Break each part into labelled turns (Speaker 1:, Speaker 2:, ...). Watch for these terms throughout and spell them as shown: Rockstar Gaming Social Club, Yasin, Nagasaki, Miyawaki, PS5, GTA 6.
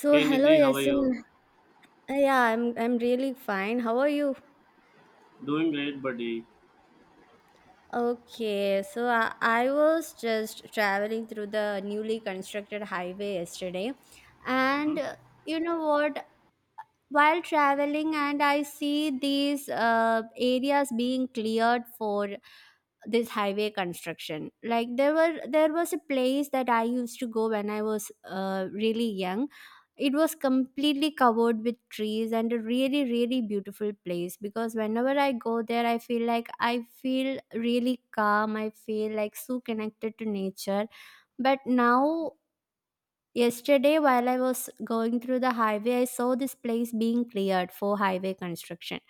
Speaker 1: So
Speaker 2: Hey
Speaker 1: hello
Speaker 2: Nidhi, how are you?
Speaker 1: Yasin. Yeah, I'm really fine. How are you?
Speaker 2: Doing great, buddy.
Speaker 1: Okay, so I was just traveling through the newly constructed highway yesterday and
Speaker 2: Hmm.
Speaker 1: you know what, while traveling and I see these areas being cleared for this highway construction, like there was a place that I used to go when I was really young. It was completely covered with trees and a really, really beautiful place, because whenever I go there I feel like I feel really calm, I feel like so connected to nature. But now, yesterday while I was going through the highway, I saw this place being cleared for highway construction.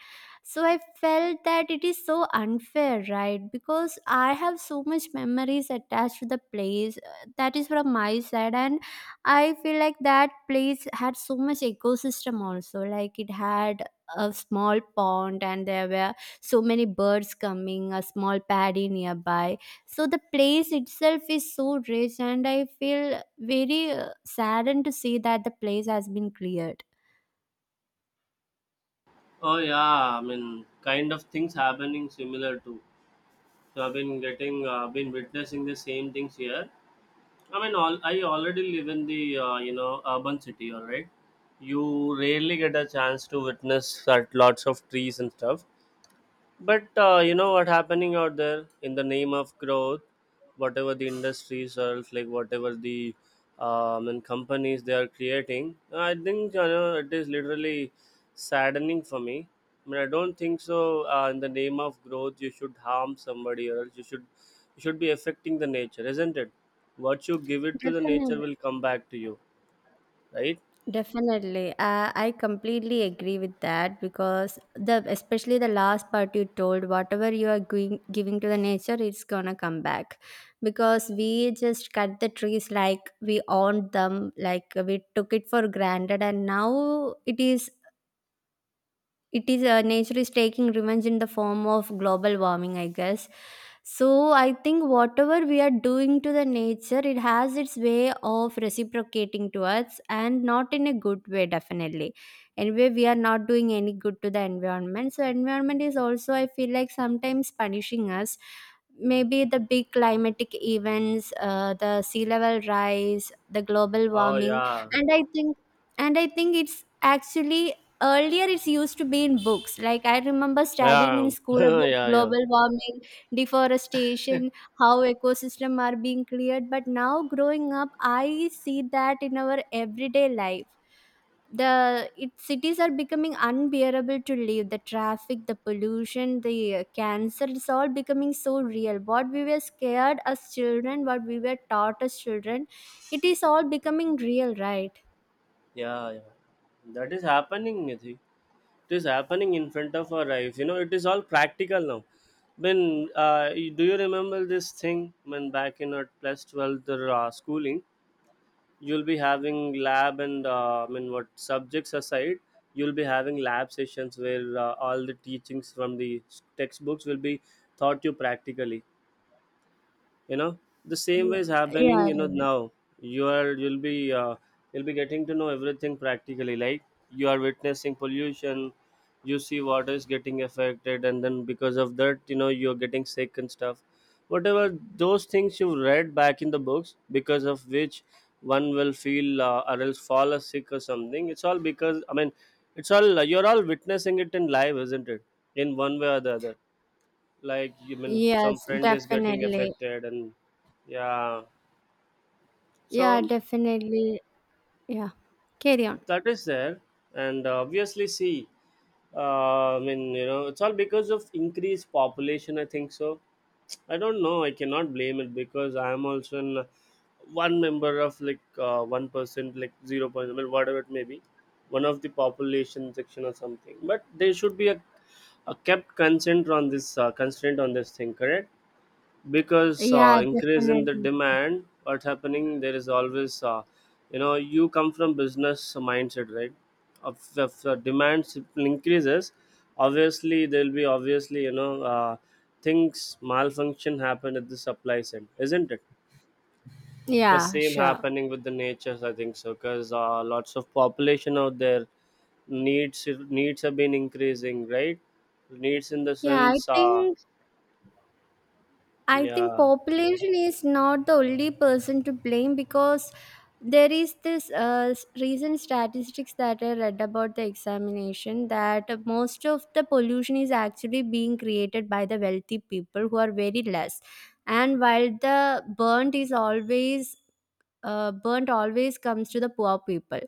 Speaker 1: So I felt that it is so unfair, right, because I have so much memories attached to the place, that is from my side. And I feel like that place had so much ecosystem also, like it had a small pond and there were so many birds coming, a small paddy nearby. So the place itself is so rich, and I feel very saddened to see that the place has been cleared.
Speaker 2: Oh yeah, I mean, kind of things happening similar too. So I've been getting, been witnessing the same things here. I mean, all I already live in the urban city, all right. You rarely get a chance to witness that lots of trees and stuff. But you know what happening out there in the name of growth, whatever the industries or else, like whatever the and companies they are creating, I think it is literally saddening for me. I mean, I don't think so. In the name of growth, you should harm somebody, or else you should be affecting the nature, isn't it? What you give it to the nature
Speaker 1: Definitely.
Speaker 2: will come back to you, right?
Speaker 1: Definitely. I completely agree with that, because the especially the last part you told, whatever you are going, giving to the nature, it's gonna come back. Because we just cut the trees like we owned them, like we took it for granted, and now it is nature is taking revenge in the form of global warming, I guess. So I think whatever we are doing to the nature, it has its way of reciprocating to us, and not in a good way, definitely. Anyway, we are not doing any good to the environment, so environment is also, I feel like, sometimes punishing us. Maybe the big climatic events, the sea level rise, the global
Speaker 2: Oh
Speaker 1: warming.
Speaker 2: yeah,
Speaker 1: And i think and i think it's actually, earlier, it's used to be in books. Like I remember studying in
Speaker 2: yeah,
Speaker 1: school about
Speaker 2: yeah, yeah,
Speaker 1: global warming, deforestation, how ecosystem are being cleared. But now, growing up, I see that in our everyday life cities are becoming unbearable to live, the traffic, the pollution, the cancer. It's all becoming so real, what we were scared as children, what we were taught as children, it is all becoming real, right?
Speaker 2: yeah, yeah. That is happening, Nidhi. It is happening in front of our eyes. It is all practical now, when do you remember this thing when back in our plus 12th or schooling? You'll be having lab, and I mean, what subjects aside, you'll be having lab sessions where all the teachings from the textbooks will be taught you practically, you know? The same way is
Speaker 1: Yeah.
Speaker 2: happening
Speaker 1: Yeah.
Speaker 2: you know now. you are you'll be uh, you'll be getting to know everything practically, like you are witnessing pollution. You see water is getting affected, and then because of that, you're getting sick and stuff. Whatever those things you read back in the books because of which one will feel or else fall as sick or something, it's all because I mean it's all you're all witnessing it in life, isn't it? In one way or the other, like you mean
Speaker 1: Yes,
Speaker 2: some friend is getting
Speaker 1: definitely.
Speaker 2: affected and. Yeah.
Speaker 1: Yeah,
Speaker 2: So
Speaker 1: definitely. Yeah. Carry on.
Speaker 2: that is there. And obviously see, I mean, it's all because of increased population, I think so. I don't know, I cannot blame it because I am also in one member of like 1%, like zero point, well, whatever it may be, one of the population section or something. But there should be a kept consent on this, constraint on this thing, correct? Because
Speaker 1: Yeah,
Speaker 2: increase in the
Speaker 1: definitely.
Speaker 2: demand, what's happening there is always, you come from business mindset, right? If the demand simply increases, obviously there will be, obviously, things malfunction happen at the supply side, isn't it? The
Speaker 1: Yeah,
Speaker 2: same
Speaker 1: sure.
Speaker 2: happening with the natures, I think so, because lots of population out there, needs have been increasing, right? Needs in the
Speaker 1: Yeah,
Speaker 2: sense,
Speaker 1: I think
Speaker 2: yeah.
Speaker 1: population is not the only person to blame, because there is this recent statistics that I read about the examination that most of the pollution is actually being created by the wealthy people, who are very less. And while the burnt is always burnt always comes to the poor people.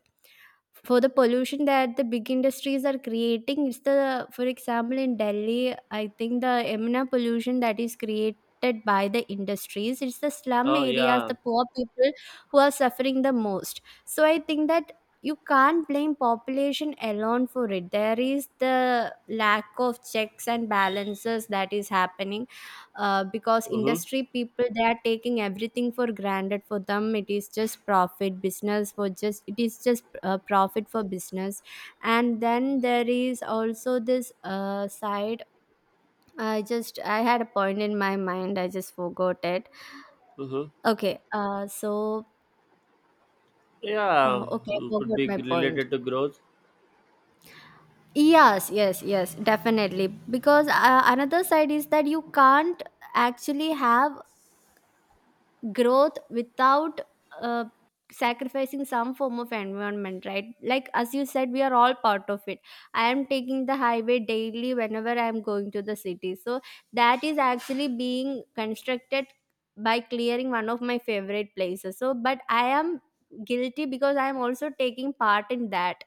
Speaker 1: For the pollution that the big industries are creating, it's the, for example, in Delhi, I think the emna pollution that is created by the industries, it's the slum
Speaker 2: Oh
Speaker 1: areas,
Speaker 2: yeah.
Speaker 1: the poor people, who are suffering the most. So I think that you can't blame population alone for it. There is the lack of checks and balances that is happening, because
Speaker 2: Mm-hmm.
Speaker 1: industry people, they are taking everything for granted. For them it is just profit business, for just it is just profit for business. And then there is also this side, I had a point in my mind, I just forgot it.
Speaker 2: Mm-hmm.
Speaker 1: Okay,
Speaker 2: Yeah,
Speaker 1: okay, I
Speaker 2: could
Speaker 1: forgot
Speaker 2: be
Speaker 1: my point.
Speaker 2: related to growth.
Speaker 1: Yes, yes, yes, definitely. Because another side is that you can't actually have growth without uh, sacrificing some form of environment, right? Like as you said, we are all part of it. I am taking the highway daily whenever I am going to the city, so that is actually being constructed by clearing one of my favorite places. So, but I am guilty because I am also taking part in that.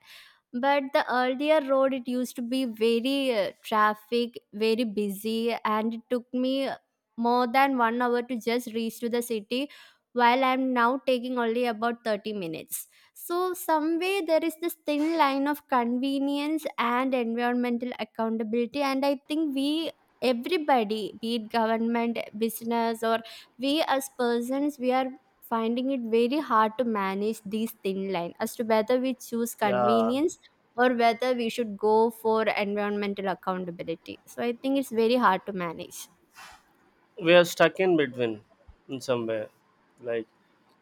Speaker 1: But the earlier road, it used to be very traffic, very busy, and it took me more than 1 hour to just reach to the city, while I'm now taking only about 30 minutes. So someway there is this thin line of convenience and environmental accountability, and I think we, everybody, be it government, business, or we as persons, we are finding it very hard to manage these thin line as to whether we choose
Speaker 2: Yeah,
Speaker 1: convenience or whether we should go for environmental accountability. So I think it's very hard to manage.
Speaker 2: we are stuck in between, in somewhere. Like,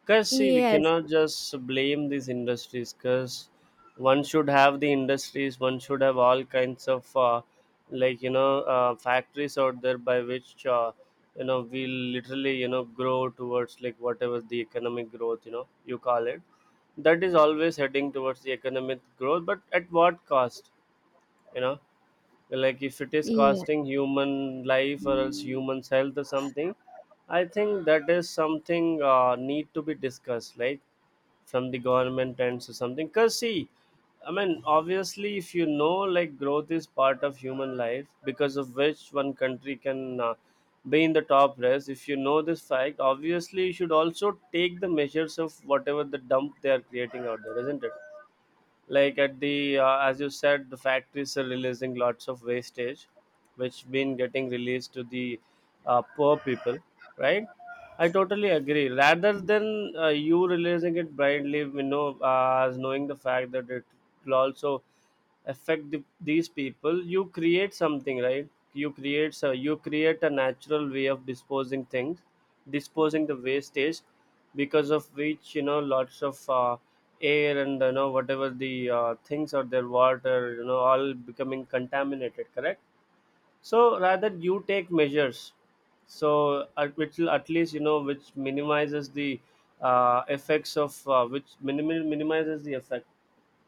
Speaker 2: cause see, we
Speaker 1: Yes.
Speaker 2: cannot just blame these industries. Cause one should have the industries. One should have all kinds of like factories out there, by which we literally grow towards, like, whatever the economic growth you call it. That is always heading towards the economic growth, but at what cost? You know, like if it is
Speaker 1: Yeah.
Speaker 2: costing human life or else human's health or something, I think that is something need to be discussed, like from the government and so something. Because see, I mean, obviously, if you know like growth is part of human life because of which one country can be in the top race, if you know this fact, obviously you should also take the measures of whatever the dump they are creating out there, isn't it? Like at the as you said, the factories are releasing lots of wastage which been getting released to the poor people, right? I totally agree, rather than you releasing it blindly, as knowing the fact that it will also affect these people. You create something, right? You create a natural way of disposing things, disposing the wastage, because of which, lots of air and, whatever the things or their water, all becoming contaminated, correct? So rather you take measures, which will at least, which minimizes the effects of, minimizes the effect,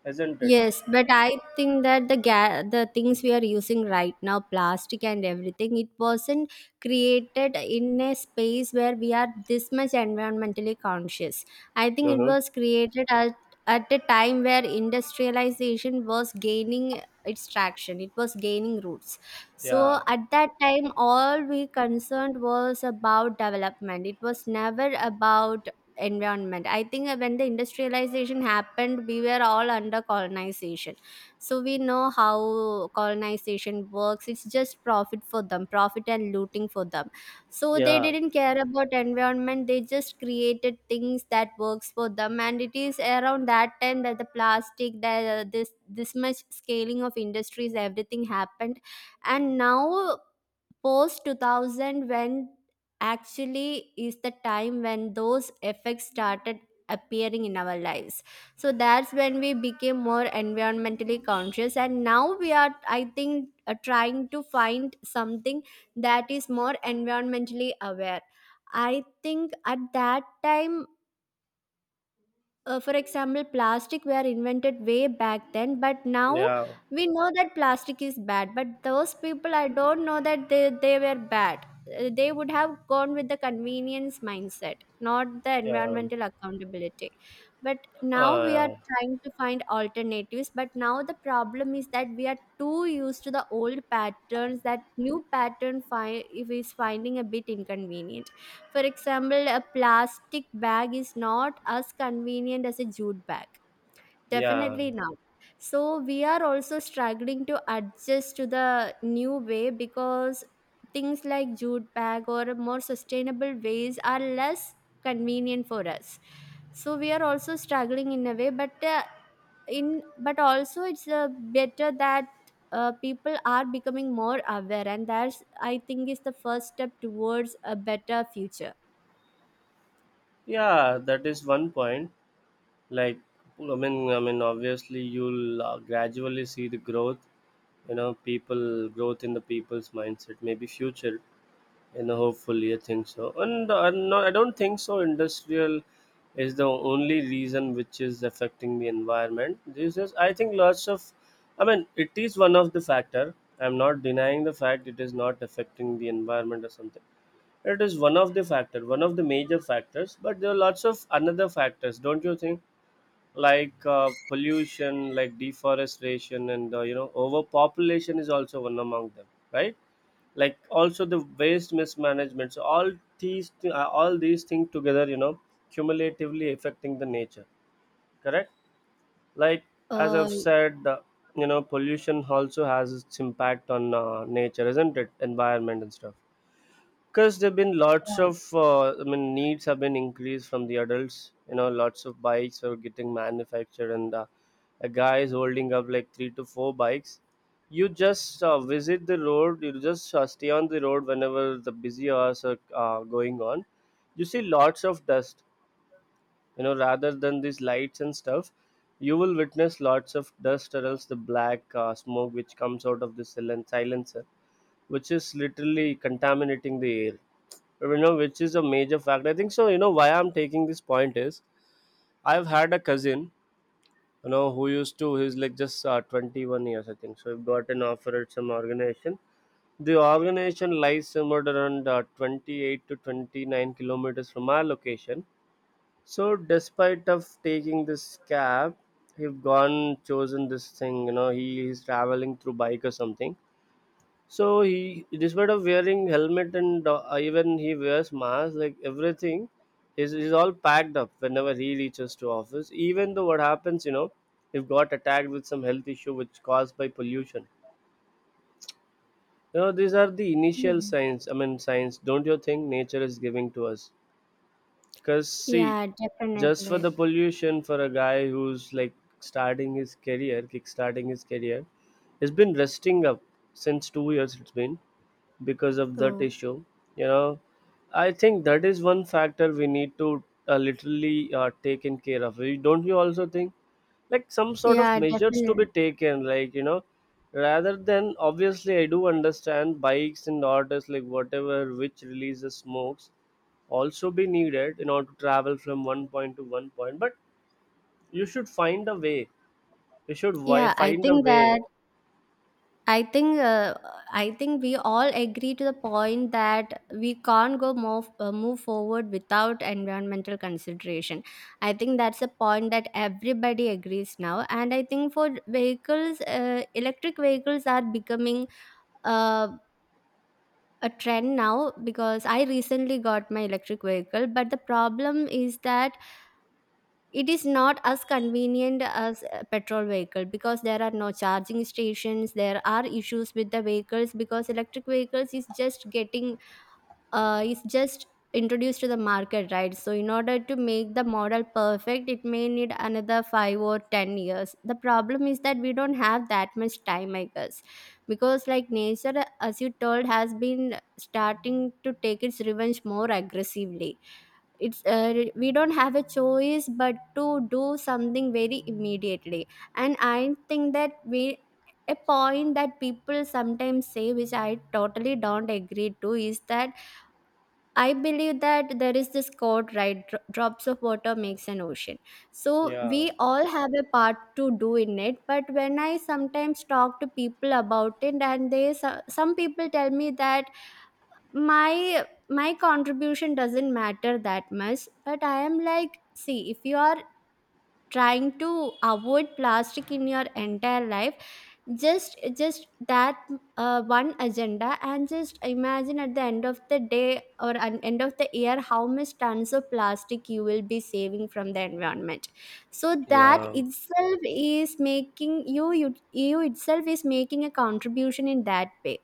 Speaker 2: isn't it?
Speaker 1: Yes, but I think that the things we are using right now, plastic and everything, it wasn't created in a space where we are this much environmentally conscious. I think it
Speaker 2: Uh-huh.
Speaker 1: was created at a time where industrialization was gaining its traction, it was gaining roots. So
Speaker 2: Yeah.
Speaker 1: at that time, all we concerned was about development, it was never about environment. I think that when the industrialization happened, we were all under colonization. So we know how colonization works, it's just profit for them, profit and looting for them. So they
Speaker 2: Yeah,
Speaker 1: didn't care about environment, they just created things that works for them, and it is around that time that the plastic, the this much scaling of industries, everything happened. And now post 2000 when actually is the time when those effects started appearing in our lives. So that's when we became more environmentally conscious, and now we are, I think, trying to find something that is more environmentally aware. I think at that time, for example, plastic were invented way back then, but now
Speaker 2: yeah,
Speaker 1: we know that plastic is bad, but those people, I don't know that they were bad. They would have gone with the convenience mindset, not the
Speaker 2: yeah,
Speaker 1: environmental accountability. But now we are
Speaker 2: uh,
Speaker 1: trying to find alternatives, but now the problem is that we are too used to the old patterns that new pattern is finding a bit inconvenient. For example, a plastic bag is not as convenient as a jute bag.
Speaker 2: yeah,
Speaker 1: Definitely not. So we are also struggling to adjust to the new way, because things like jute bag or more sustainable ways are less convenient for us. So we are also struggling in a way, but in but also it's better that people are becoming more aware, and that's I think is the first step towards a better future.
Speaker 2: yeah. That is one point. Like, I mean, obviously, you'll gradually see the growth. You know, people growth in the people's mindset. Maybe future. You know, hopefully, I think so. And no, I don't think so. Industrial is the only reason which is affecting the environment. This is, I think, lots of. I mean, it is one of the factor. I'm not denying the fact it is not affecting the environment or something. It is one of the factor, one of the major factors, but there are lots of another factors, don't you think? Like pollution, like deforestation, and overpopulation is also one among them, right? Like also the waste mismanagement. So all all these things together, cumulatively affecting the nature. Correct? Like as
Speaker 1: Uh,
Speaker 2: I've said, pollution also has its impact on nature, isn't it? Environment and stuff, because there've been lots
Speaker 1: Yeah.
Speaker 2: of I mean, needs have been increased from the adults. You know lots of bikes are getting manufactured, and a guy is holding up like three to four bikes. You just visit the road, you just stay on the road, whenever the busy hours are going on, you see lots of dust, rather than these lights and stuff. You will witness lots of dust, or else the black smoke which comes out of the silencer, which is literally contaminating the air, which is a major factor, I think so. You know why I'm taking this point is, I've had a cousin, you know who used to he's like just 21 years, I think so. He got an offer at some organization. The organization lies somewhere around 28 to 29 kilometers from our location. So despite of taking this cab, he've gone chosen this thing, he is traveling through bike or something. So he, despite of wearing helmet and even he wears mask, like everything, is all packed up whenever he reaches to office. Even though what happens, if got attacked with some health issue which caused by pollution. You know, these are the initial
Speaker 1: Mm.
Speaker 2: signs. I mean, signs. Don't you think nature is giving to us? Cause see,
Speaker 1: Yeah,
Speaker 2: just for
Speaker 1: definitely.
Speaker 2: the pollution, for a guy who's like starting his career, kickstarting his career, has been resting up since 2 years. It's been because of that
Speaker 1: Oh,
Speaker 2: issue you know I think that is one factor we need to literally taken care of. Don't you also think, like some sort of
Speaker 1: yeah,
Speaker 2: measures to be
Speaker 1: definitely.
Speaker 2: taken, like rather than, obviously I do understand bikes and orders, like whatever which releases smokes, also be needed in order to travel from one point to one point, but you should find a way, you should
Speaker 1: Yeah, I
Speaker 2: find a
Speaker 1: think that
Speaker 2: way.
Speaker 1: I think uh, I think we all agree to the point that we can't go move move forward without environmental consideration. I think that's a point that everybody agrees now, and I think for vehicles, electric vehicles are becoming uh, a trend now, because I recently got my electric vehicle. But the problem is that it is not as convenient as a petrol vehicle, because there are no charging stations, there are issues with the vehicles, because electric vehicles is just getting is just introduced to the market, right? So in order to make the model perfect, it may need another 5 or 10 years. The problem is that we don't have that much time, I guess, because like nature, as you told, has been starting to take its revenge more aggressively. It's we don't have a choice but to do something very immediately. And I think that we, a point that people sometimes say, which I totally don't agree to, is that I believe that there is this quote, right: drops of water makes an ocean." So we
Speaker 2: Yeah.
Speaker 1: all have a part to do in it. But when I sometimes talk to people about it, and they some people tell me that my contribution doesn't matter that much, but I am like, see, if you are trying to avoid plastic in your entire life, just that one agenda, and just imagine at the end of the day or an end of the year how much tons of plastic you will be saving from the environment. So that
Speaker 2: Yeah.
Speaker 1: itself is making you itself is making a contribution in that way.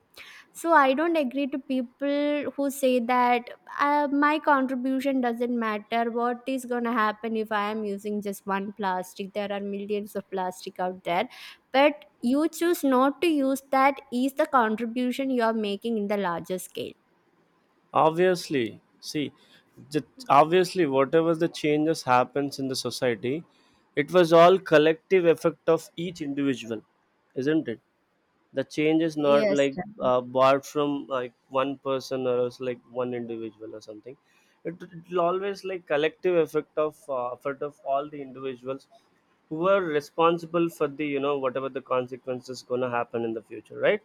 Speaker 1: So I don't agree to people who say that my contribution doesn't matter. What is going to happen if I am using just one plastic? There are millions of plastic out there, but you choose not to use, that is the contribution you are making in the larger scale.
Speaker 2: Obviously see, obviously whatever the changes happens in the society, it was all collective effect of each individual, isn't it? The change is not
Speaker 1: Yes,
Speaker 2: like borrowed from like one person or else like one individual or something. It will always like collective effect of effort of all the individuals who are responsible for the, whatever the consequences gonna happen in the future, right?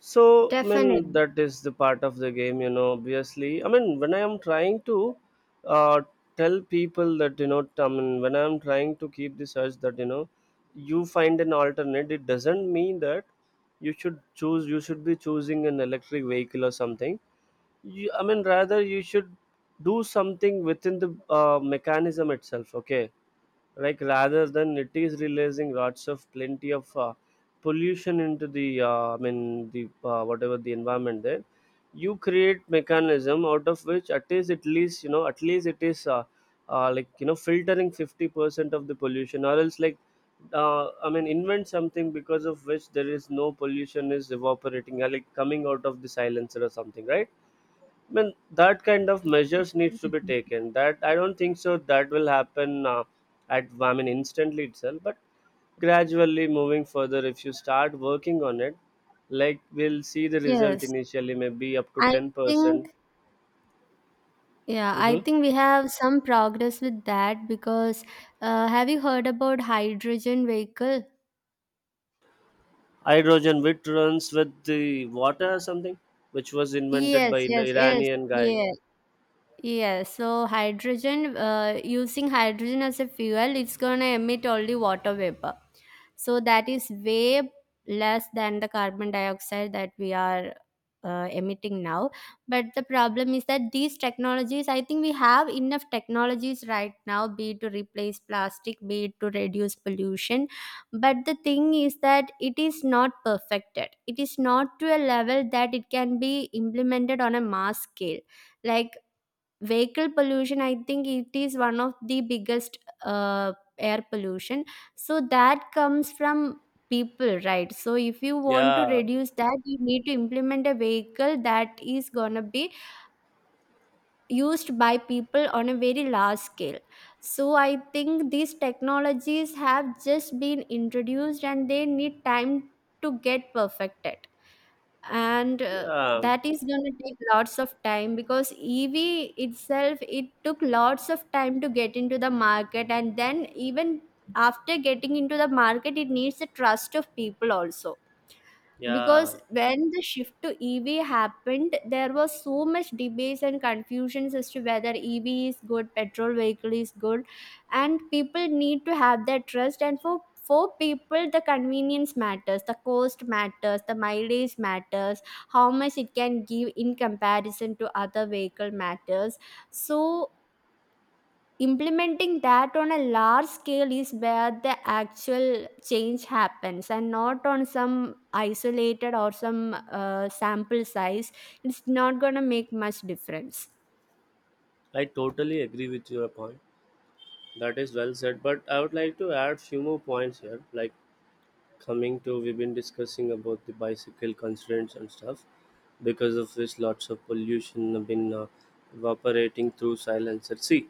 Speaker 2: So, I mean,
Speaker 1: definitely.
Speaker 2: that is the part of the game, obviously. I mean, when I am trying to uh, tell people that, you know, t- I mean, when I am trying to keep the search that, you find an alternate, it doesn't mean that you should be choosing an electric vehicle or something. You, I mean, rather, you should do something within the mechanism itself, okay? Like rather than it is releasing lots of plenty of pollution into the I mean the whatever the environment there, you create mechanism out of which at least at least it is like filtering 50% of the pollution, or else like invent something because of which there is no pollution is evaporating or like coming out of the silencer or something, right? Mean that kind of measures needs to be taken. That I don't think so that will happen, at instantly itself, but gradually moving further if you start working on it, like we'll see the
Speaker 1: Yes,
Speaker 2: result initially maybe up to
Speaker 1: I
Speaker 2: 10%.
Speaker 1: think, yeah, I
Speaker 2: Hmm.
Speaker 1: think we have some progress with that, because have you heard about hydrogen vehicle?
Speaker 2: Hydrogen which runs with the water or something, which was invented
Speaker 1: Yes,
Speaker 2: by the
Speaker 1: yes, yes,
Speaker 2: Iranian guy.
Speaker 1: yes. Yeah, so hydrogen, using hydrogen as a fuel, it's going to emit only water vapor. So that is way less than the carbon dioxide that we are emitting now. But the problem is that these technologies, I think we have enough technologies right now, be it to replace plastic, be it to reduce pollution. But the thing is that it is not perfected, it is not to a level that it can be implemented on a mass scale like vehicle pollution. I think it is one of the biggest uh, air pollution. So that comes from people, right? So if you want to
Speaker 2: Yeah,
Speaker 1: reduce that, you need to implement a vehicle that is gonna be used by people on a very large scale. So I think these technologies have just been introduced and they need time to get perfected, and
Speaker 2: yeah,
Speaker 1: that is going to take lots of time because EV itself, it took lots of time to get into the market, and then even after getting into the market, it needs the trust of people also,
Speaker 2: yeah.
Speaker 1: because when the shift to EV happened, there was so much debates and confusions as to whether EV is good, petrol vehicle is good, and people need to have that trust. And for people, the convenience matters, the cost matters, the mileage matters, how much it can give in comparison to other vehicle matters. So implementing that on a large scale is where the actual change happens, and not on some isolated or some sample size. It's not going to make much difference.
Speaker 2: I totally agree with your point. That is well said, but I would like to add few more points here, like coming to we've been discussing about the bicycle constraints and stuff because of which lots of pollution have been evaporating through silencer. See,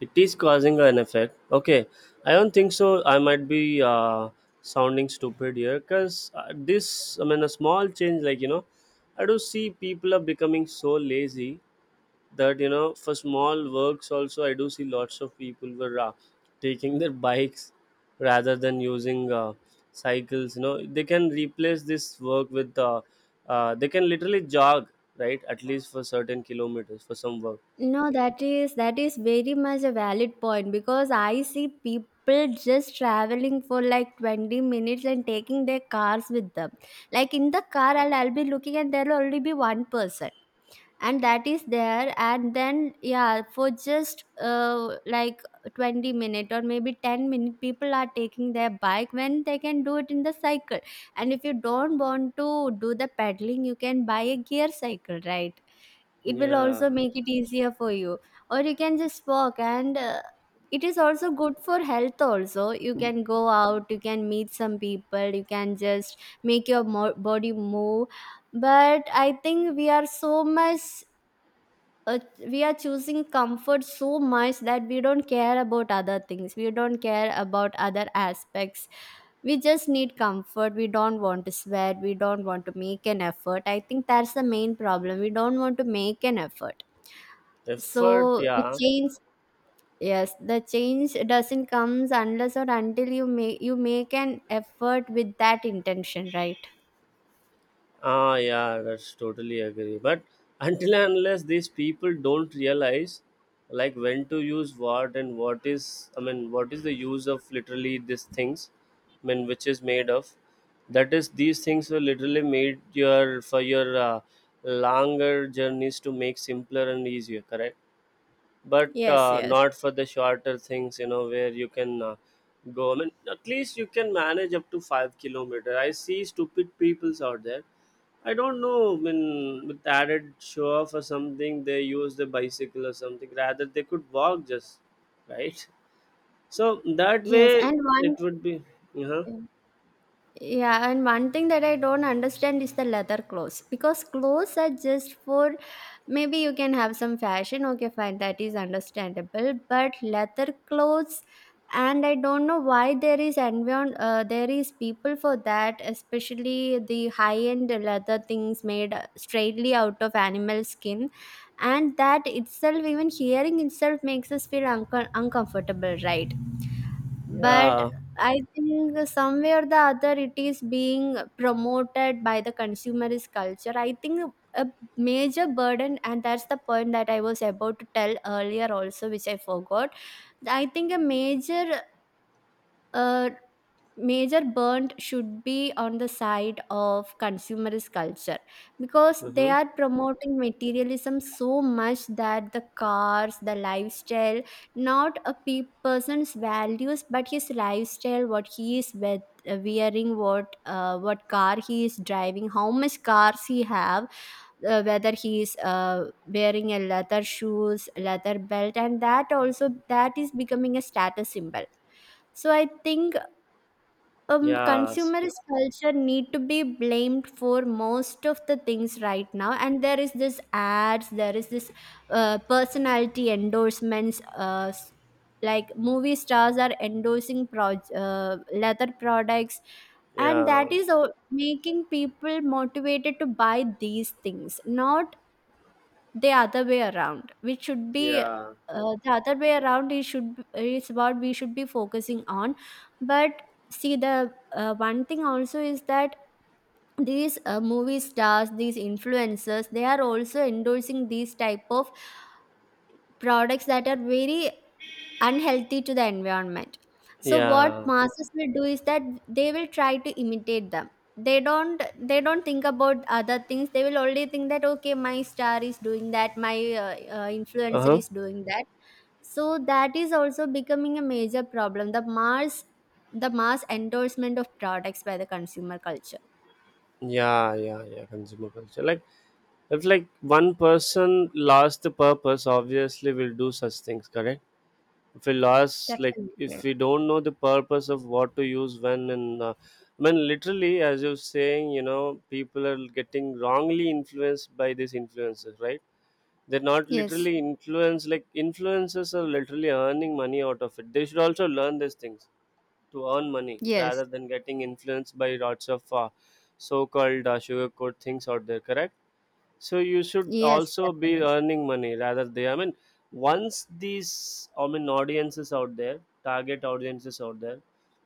Speaker 2: it is causing an effect, okay? I don't think so. I might be sounding stupid here because this, I mean a small change, like you know, I do see people are becoming so lazy that you know for small works also I do see lots of people were taking their bikes rather than using cycles. You know, they can replace this work with they can literally jog, right? At least for certain kilometers for some work.
Speaker 1: No, that is very much a valid point, because I see people just traveling for like 20 minutes and taking their cars with them. Like in the car, I'll be looking and there'll only be one person. And that is there, and then yeah, for just like 20 minute or maybe 10 minute, people are taking their bike when they can do it in the cycle. And if you don't want to do the pedaling, you can buy a gear cycle, right? It will
Speaker 2: Yeah.
Speaker 1: also make it easier for you, or you can just walk, and it is also good for health also. You can go out, you can meet some people, you can just make your body move. But I think we are so much, uh, we are choosing comfort so much that we don't care about other things, we don't care about other aspects. We just need comfort, we don't want to sweat, we don't want to make an effort. I think that's the main problem, we don't want to make an effort. so
Speaker 2: Effort,
Speaker 1: it
Speaker 2: yeah.
Speaker 1: change Yes, the change doesn't comes unless or until you make an effort with that intention, right?
Speaker 2: Ah, yeah, that's totally agree. But until and unless these people don't realize like when to use what and what is, I mean, what is the use of literally these things, I mean, which is made of, that is, these things were literally made your for your longer journeys to make simpler and easier, correct? But
Speaker 1: Yes, yes.
Speaker 2: not for the shorter things, you know, where you can. Go, I mean at least you can manage up to 5 kilometer. I see stupid peoples out there. I don't know. I mean, with added show off or something, they use the bicycle or something. Rather, they could walk just right. So that
Speaker 1: yes
Speaker 2: way,
Speaker 1: and one
Speaker 2: it would be. Uh-huh.
Speaker 1: Yeah, and one thing that I don't understand is the leather clothes, because clothes are just for, maybe you can have some fashion. Okay, fine, that is understandable. But leather clothes, and I don't know why there is environ there is people for that, especially the high end leather things made straightly out of animal skin, and that itself, even hearing itself, makes us feel uncomfortable, right? But
Speaker 2: Yeah.
Speaker 1: I think somewhere the other it is being promoted by the consumerist culture. I think a major burden, and that's the point that I was about to tell earlier, also, which I forgot. I think a major uh, major burnt should be on the side of consumerist culture, because they
Speaker 2: Mm-hmm.
Speaker 1: are promoting materialism so much that the cars, the lifestyle, not a person's values, but his lifestyle, what he is with wearing, what car he is driving, how much cars he have, whether he is wearing a leather shoes, leather belt, and that also, that is becoming a status symbol. So I think
Speaker 2: Yes.
Speaker 1: consumerist culture need to be blamed for most of the things right now. And there is this ads, there is this personality endorsements, like movie stars are endorsing leather products, and that
Speaker 2: Yeah.
Speaker 1: is making people motivated to buy these things, not the other way around, which should be
Speaker 2: Yeah.
Speaker 1: the other way around. It should it's what we should be focusing on. But see, the one thing also is that these movie stars, these influencers, they are also endorsing these type of products that are very unhealthy to the environment. So what
Speaker 2: Yeah.
Speaker 1: masses will do is that they will try to imitate them. They don't think about other things. They will only think that okay, my star is doing that, my
Speaker 2: Uh
Speaker 1: influencer
Speaker 2: huh.
Speaker 1: is doing that. So that is also becoming a major problem. The mass endorsement of products by the consumer culture.
Speaker 2: Yeah. Yeah. Yeah. Consumer culture. Like, if like one person lost the purpose, obviously will do such things. Correct. If we lost, like if
Speaker 1: Definitely.
Speaker 2: we don't know the purpose of what to use when and I mean literally as you're saying, you know, people are getting wrongly influenced by these influences, right? They're not
Speaker 1: Yes.
Speaker 2: literally influenced, like influencers are literally earning money out of it. They should also learn these things to earn money
Speaker 1: Yes.
Speaker 2: rather than getting influenced by lots of so-called sugarcoat things out there, correct? So you should
Speaker 1: Yes,
Speaker 2: also be
Speaker 1: definitely.
Speaker 2: earning money, rather they, I mean, once these, I mean, audiences out there, target audiences out there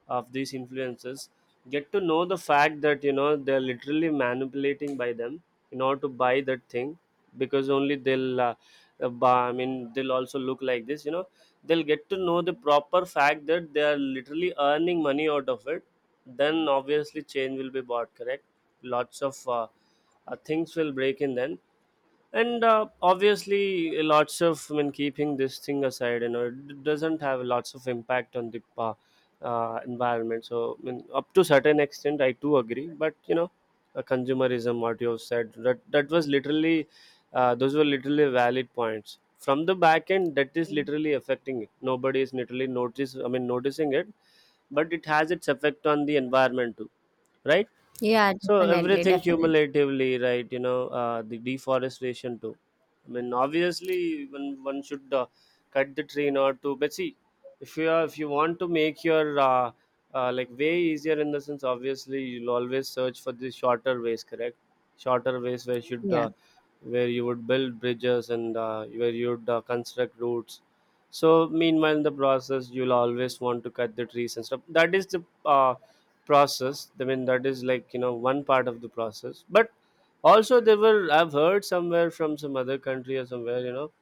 Speaker 2: of these influencers get to know the fact that, you know, they're literally manipulating by them in order to buy that thing, because only they'll buy, I mean they'll also look like this, you know, they'll get to know the proper fact that they are literally earning money out of it, then obviously change will be bought, correct? Lots of things will break in then, and obviously lots of, I mean, keeping this thing aside, you know, it doesn't have lots of impact on the environment. So I mean up to certain extent I too agree, but you know, consumerism what you have said, that that was literally, those were literally valid points from the back end that is literally affecting it. Nobody is literally notice, I mean noticing it, but it has its effect on the environment too, right?
Speaker 1: Yeah,
Speaker 2: So
Speaker 1: definitely,
Speaker 2: everything
Speaker 1: definitely.
Speaker 2: cumulatively, right? You know, the deforestation too. I mean, obviously, one should cut the tree not to. But see, if you are, if you want to make your like way easier in the sense, obviously, you'll always search for the shorter ways, correct? Shorter ways where should
Speaker 1: Yeah.
Speaker 2: where you would build bridges and where you would construct routes. So meanwhile, in the process, you'll always want to cut the trees and stuff. That is the process, I mean, that is, like you know, one part of the process. But also they were, I've heard somewhere from some other country or somewhere, you know,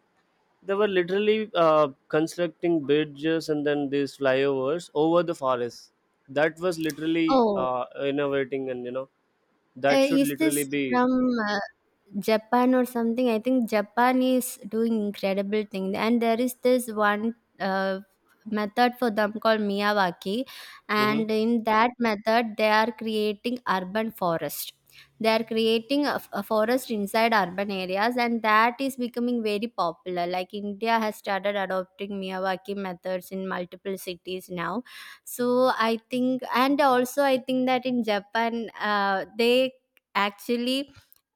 Speaker 2: they were literally constructing bridges and then these flyovers over the forest. That was literally
Speaker 1: Oh,
Speaker 2: innovating, and you know, that should
Speaker 1: is this
Speaker 2: literally be.
Speaker 1: from uh, Japan or something? I think Japan is doing incredible thing, and there is this one method for them called Miyawaki,
Speaker 2: Hmm.
Speaker 1: and in that method, they are creating urban forest. They are creating a forest inside urban areas, and that is becoming very popular. Like India has started adopting Miyawaki methods in multiple cities now. So I think, and also I think that in Japan, they actually,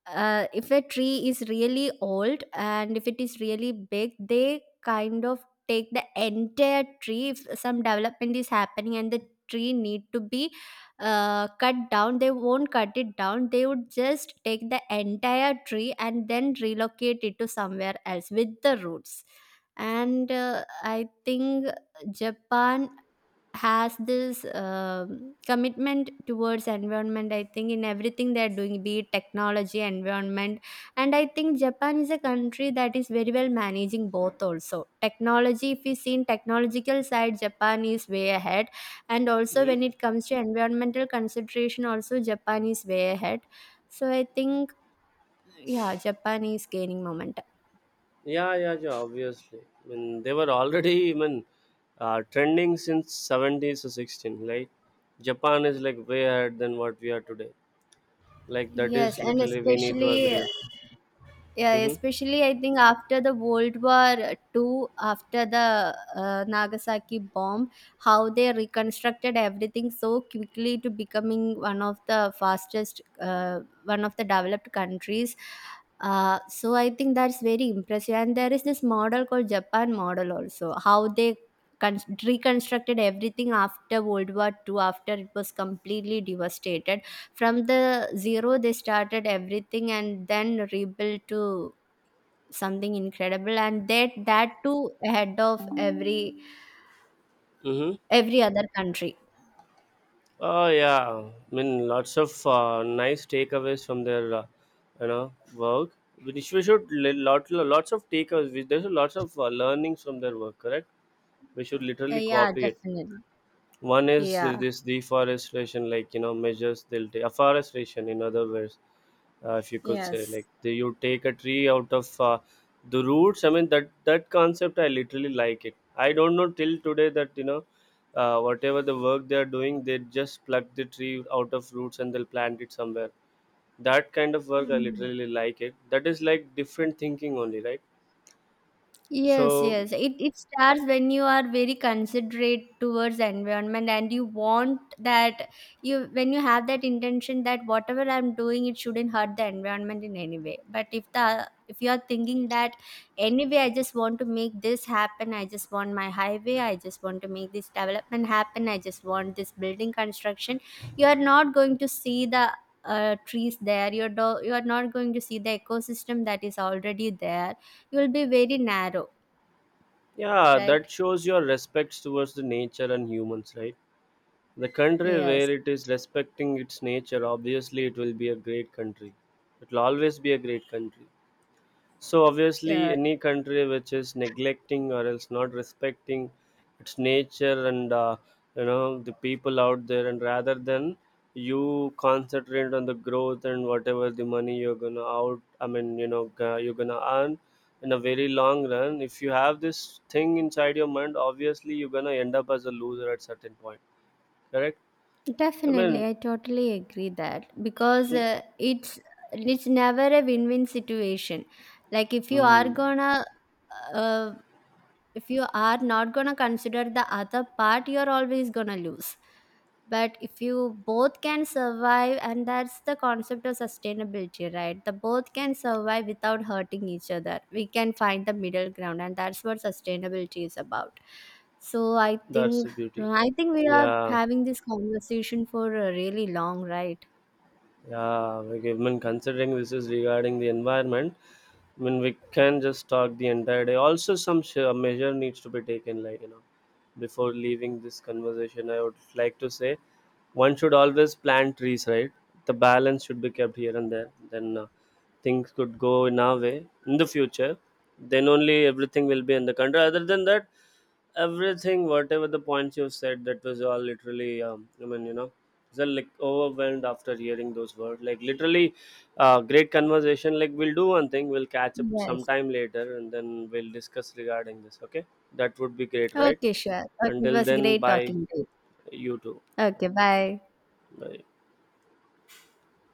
Speaker 1: if a tree is really old and if it is really big, they kind of take the entire tree. If some development is happening and the tree need to be cut down, they won't cut it down, they would just take the entire tree and then relocate it to somewhere else with the roots. And I think Japan has this commitment towards environment. I think in everything they're doing, be it technology, environment, and I think Japan is a country that is very well managing both. Also technology, if we see in technological side, Japan is way ahead, and also
Speaker 2: Hmm.
Speaker 1: when it comes to environmental consideration also, Japan is way ahead. So I think, yeah, Japan is gaining momentum.
Speaker 2: Yeah, yeah, yeah, obviously, I mean, they were already, I mean, trending since 70s or 16, right? Japan is like way ahead than what we are today, like that
Speaker 1: Yes,
Speaker 2: is
Speaker 1: and
Speaker 2: literally we need to
Speaker 1: especially,
Speaker 2: agree.
Speaker 1: yeah,
Speaker 2: Mm-hmm.
Speaker 1: especially I think after the World War Two, after the Nagasaki bomb, how they reconstructed everything so quickly to becoming one of the fastest, one of the developed countries. So I think that's very impressive. And there is this model called Japan model also, how they reconstructed everything after World War Two, after it was completely devastated. From the zero, they started everything and then rebuilt to something incredible, and that too ahead of
Speaker 2: Mm-hmm.
Speaker 1: every other country.
Speaker 2: Oh yeah, I mean lots of nice takeaways from their you know work. We should lots of takeaways. There's lots of learnings from their work, correct? We should
Speaker 1: Uh,
Speaker 2: literally
Speaker 1: yeah,
Speaker 2: copy it.
Speaker 1: definitely.
Speaker 2: One is
Speaker 1: Yeah,
Speaker 2: this deforestation, like you know, measures they'll take afforestation. In other words, if you could say,
Speaker 1: yes.
Speaker 2: like the, you take a tree out of the roots. I mean that concept, I literally like it. I don't know till today that, you know, whatever the work they are doing, they just pluck the tree out of roots and they'll plant it somewhere. That kind of work, I literally like it. That is like different thinking only, right?
Speaker 1: Yes,
Speaker 2: So
Speaker 1: yes. It starts when you are very considerate towards environment and you want that, you when you have that intention that whatever I'm doing it shouldn't hurt the environment in any way. But if the if you are thinking that anyway I just want to make this happen, I just want my highway, I just want to make this development happen, I just want this building construction, you are not going to see the trees there. You are not going to see the ecosystem that is already there. You will be very narrow,
Speaker 2: yeah,
Speaker 1: right?
Speaker 2: that shows your respects towards the nature and humans, right? The country where
Speaker 1: Yes,
Speaker 2: it is respecting its nature, obviously, it will be a great country. It will always be a great country. So, obviously,
Speaker 1: uh,
Speaker 2: any country which is neglecting or else not respecting its nature and you know the people out there, and rather than you concentrate on the growth and whatever the money you're gonna out, I mean, you know, g- you're gonna earn in a very long run. If you have this thing inside your mind, obviously, you're gonna end up as a loser at certain point. Correct? I
Speaker 1: definitely.
Speaker 2: mean,
Speaker 1: I totally agree that because it's never a win-win situation. Like if you are
Speaker 2: hmm,
Speaker 1: gonna uh, if you are not going to consider the other part, you're always going to lose. But if you both can survive, and that's the concept of sustainability, right? The both can survive without hurting each other, we can find the middle ground, and that's what sustainability is about. So I
Speaker 2: that's
Speaker 1: think,
Speaker 2: the beauty.
Speaker 1: I think we are
Speaker 2: Yeah.
Speaker 1: having this conversation for a really long, right?
Speaker 2: Yeah, like I mean, considering this is regarding the environment, I mean we can just talk the entire day. Also, some sh- measure needs to be taken. Like you know, before leaving this conversation, I would like to say one should always plant trees. Right, the balance should be kept here and there. Then things could go in our way in the future. Then only everything will be in the country. Other than that, everything, whatever the points you've said, that was all literally. I mean, you know, just like overwhelmed after hearing those words, like literally great conversation. Like we'll do one thing, we'll catch up
Speaker 1: Yes.
Speaker 2: sometime later and then we'll discuss regarding this, okay? That would be great, right?
Speaker 1: Okay, sure. Okay, it
Speaker 2: Until
Speaker 1: was
Speaker 2: then,
Speaker 1: great
Speaker 2: bye.
Speaker 1: talking to you.
Speaker 2: You too.
Speaker 1: Okay, bye.
Speaker 2: Bye.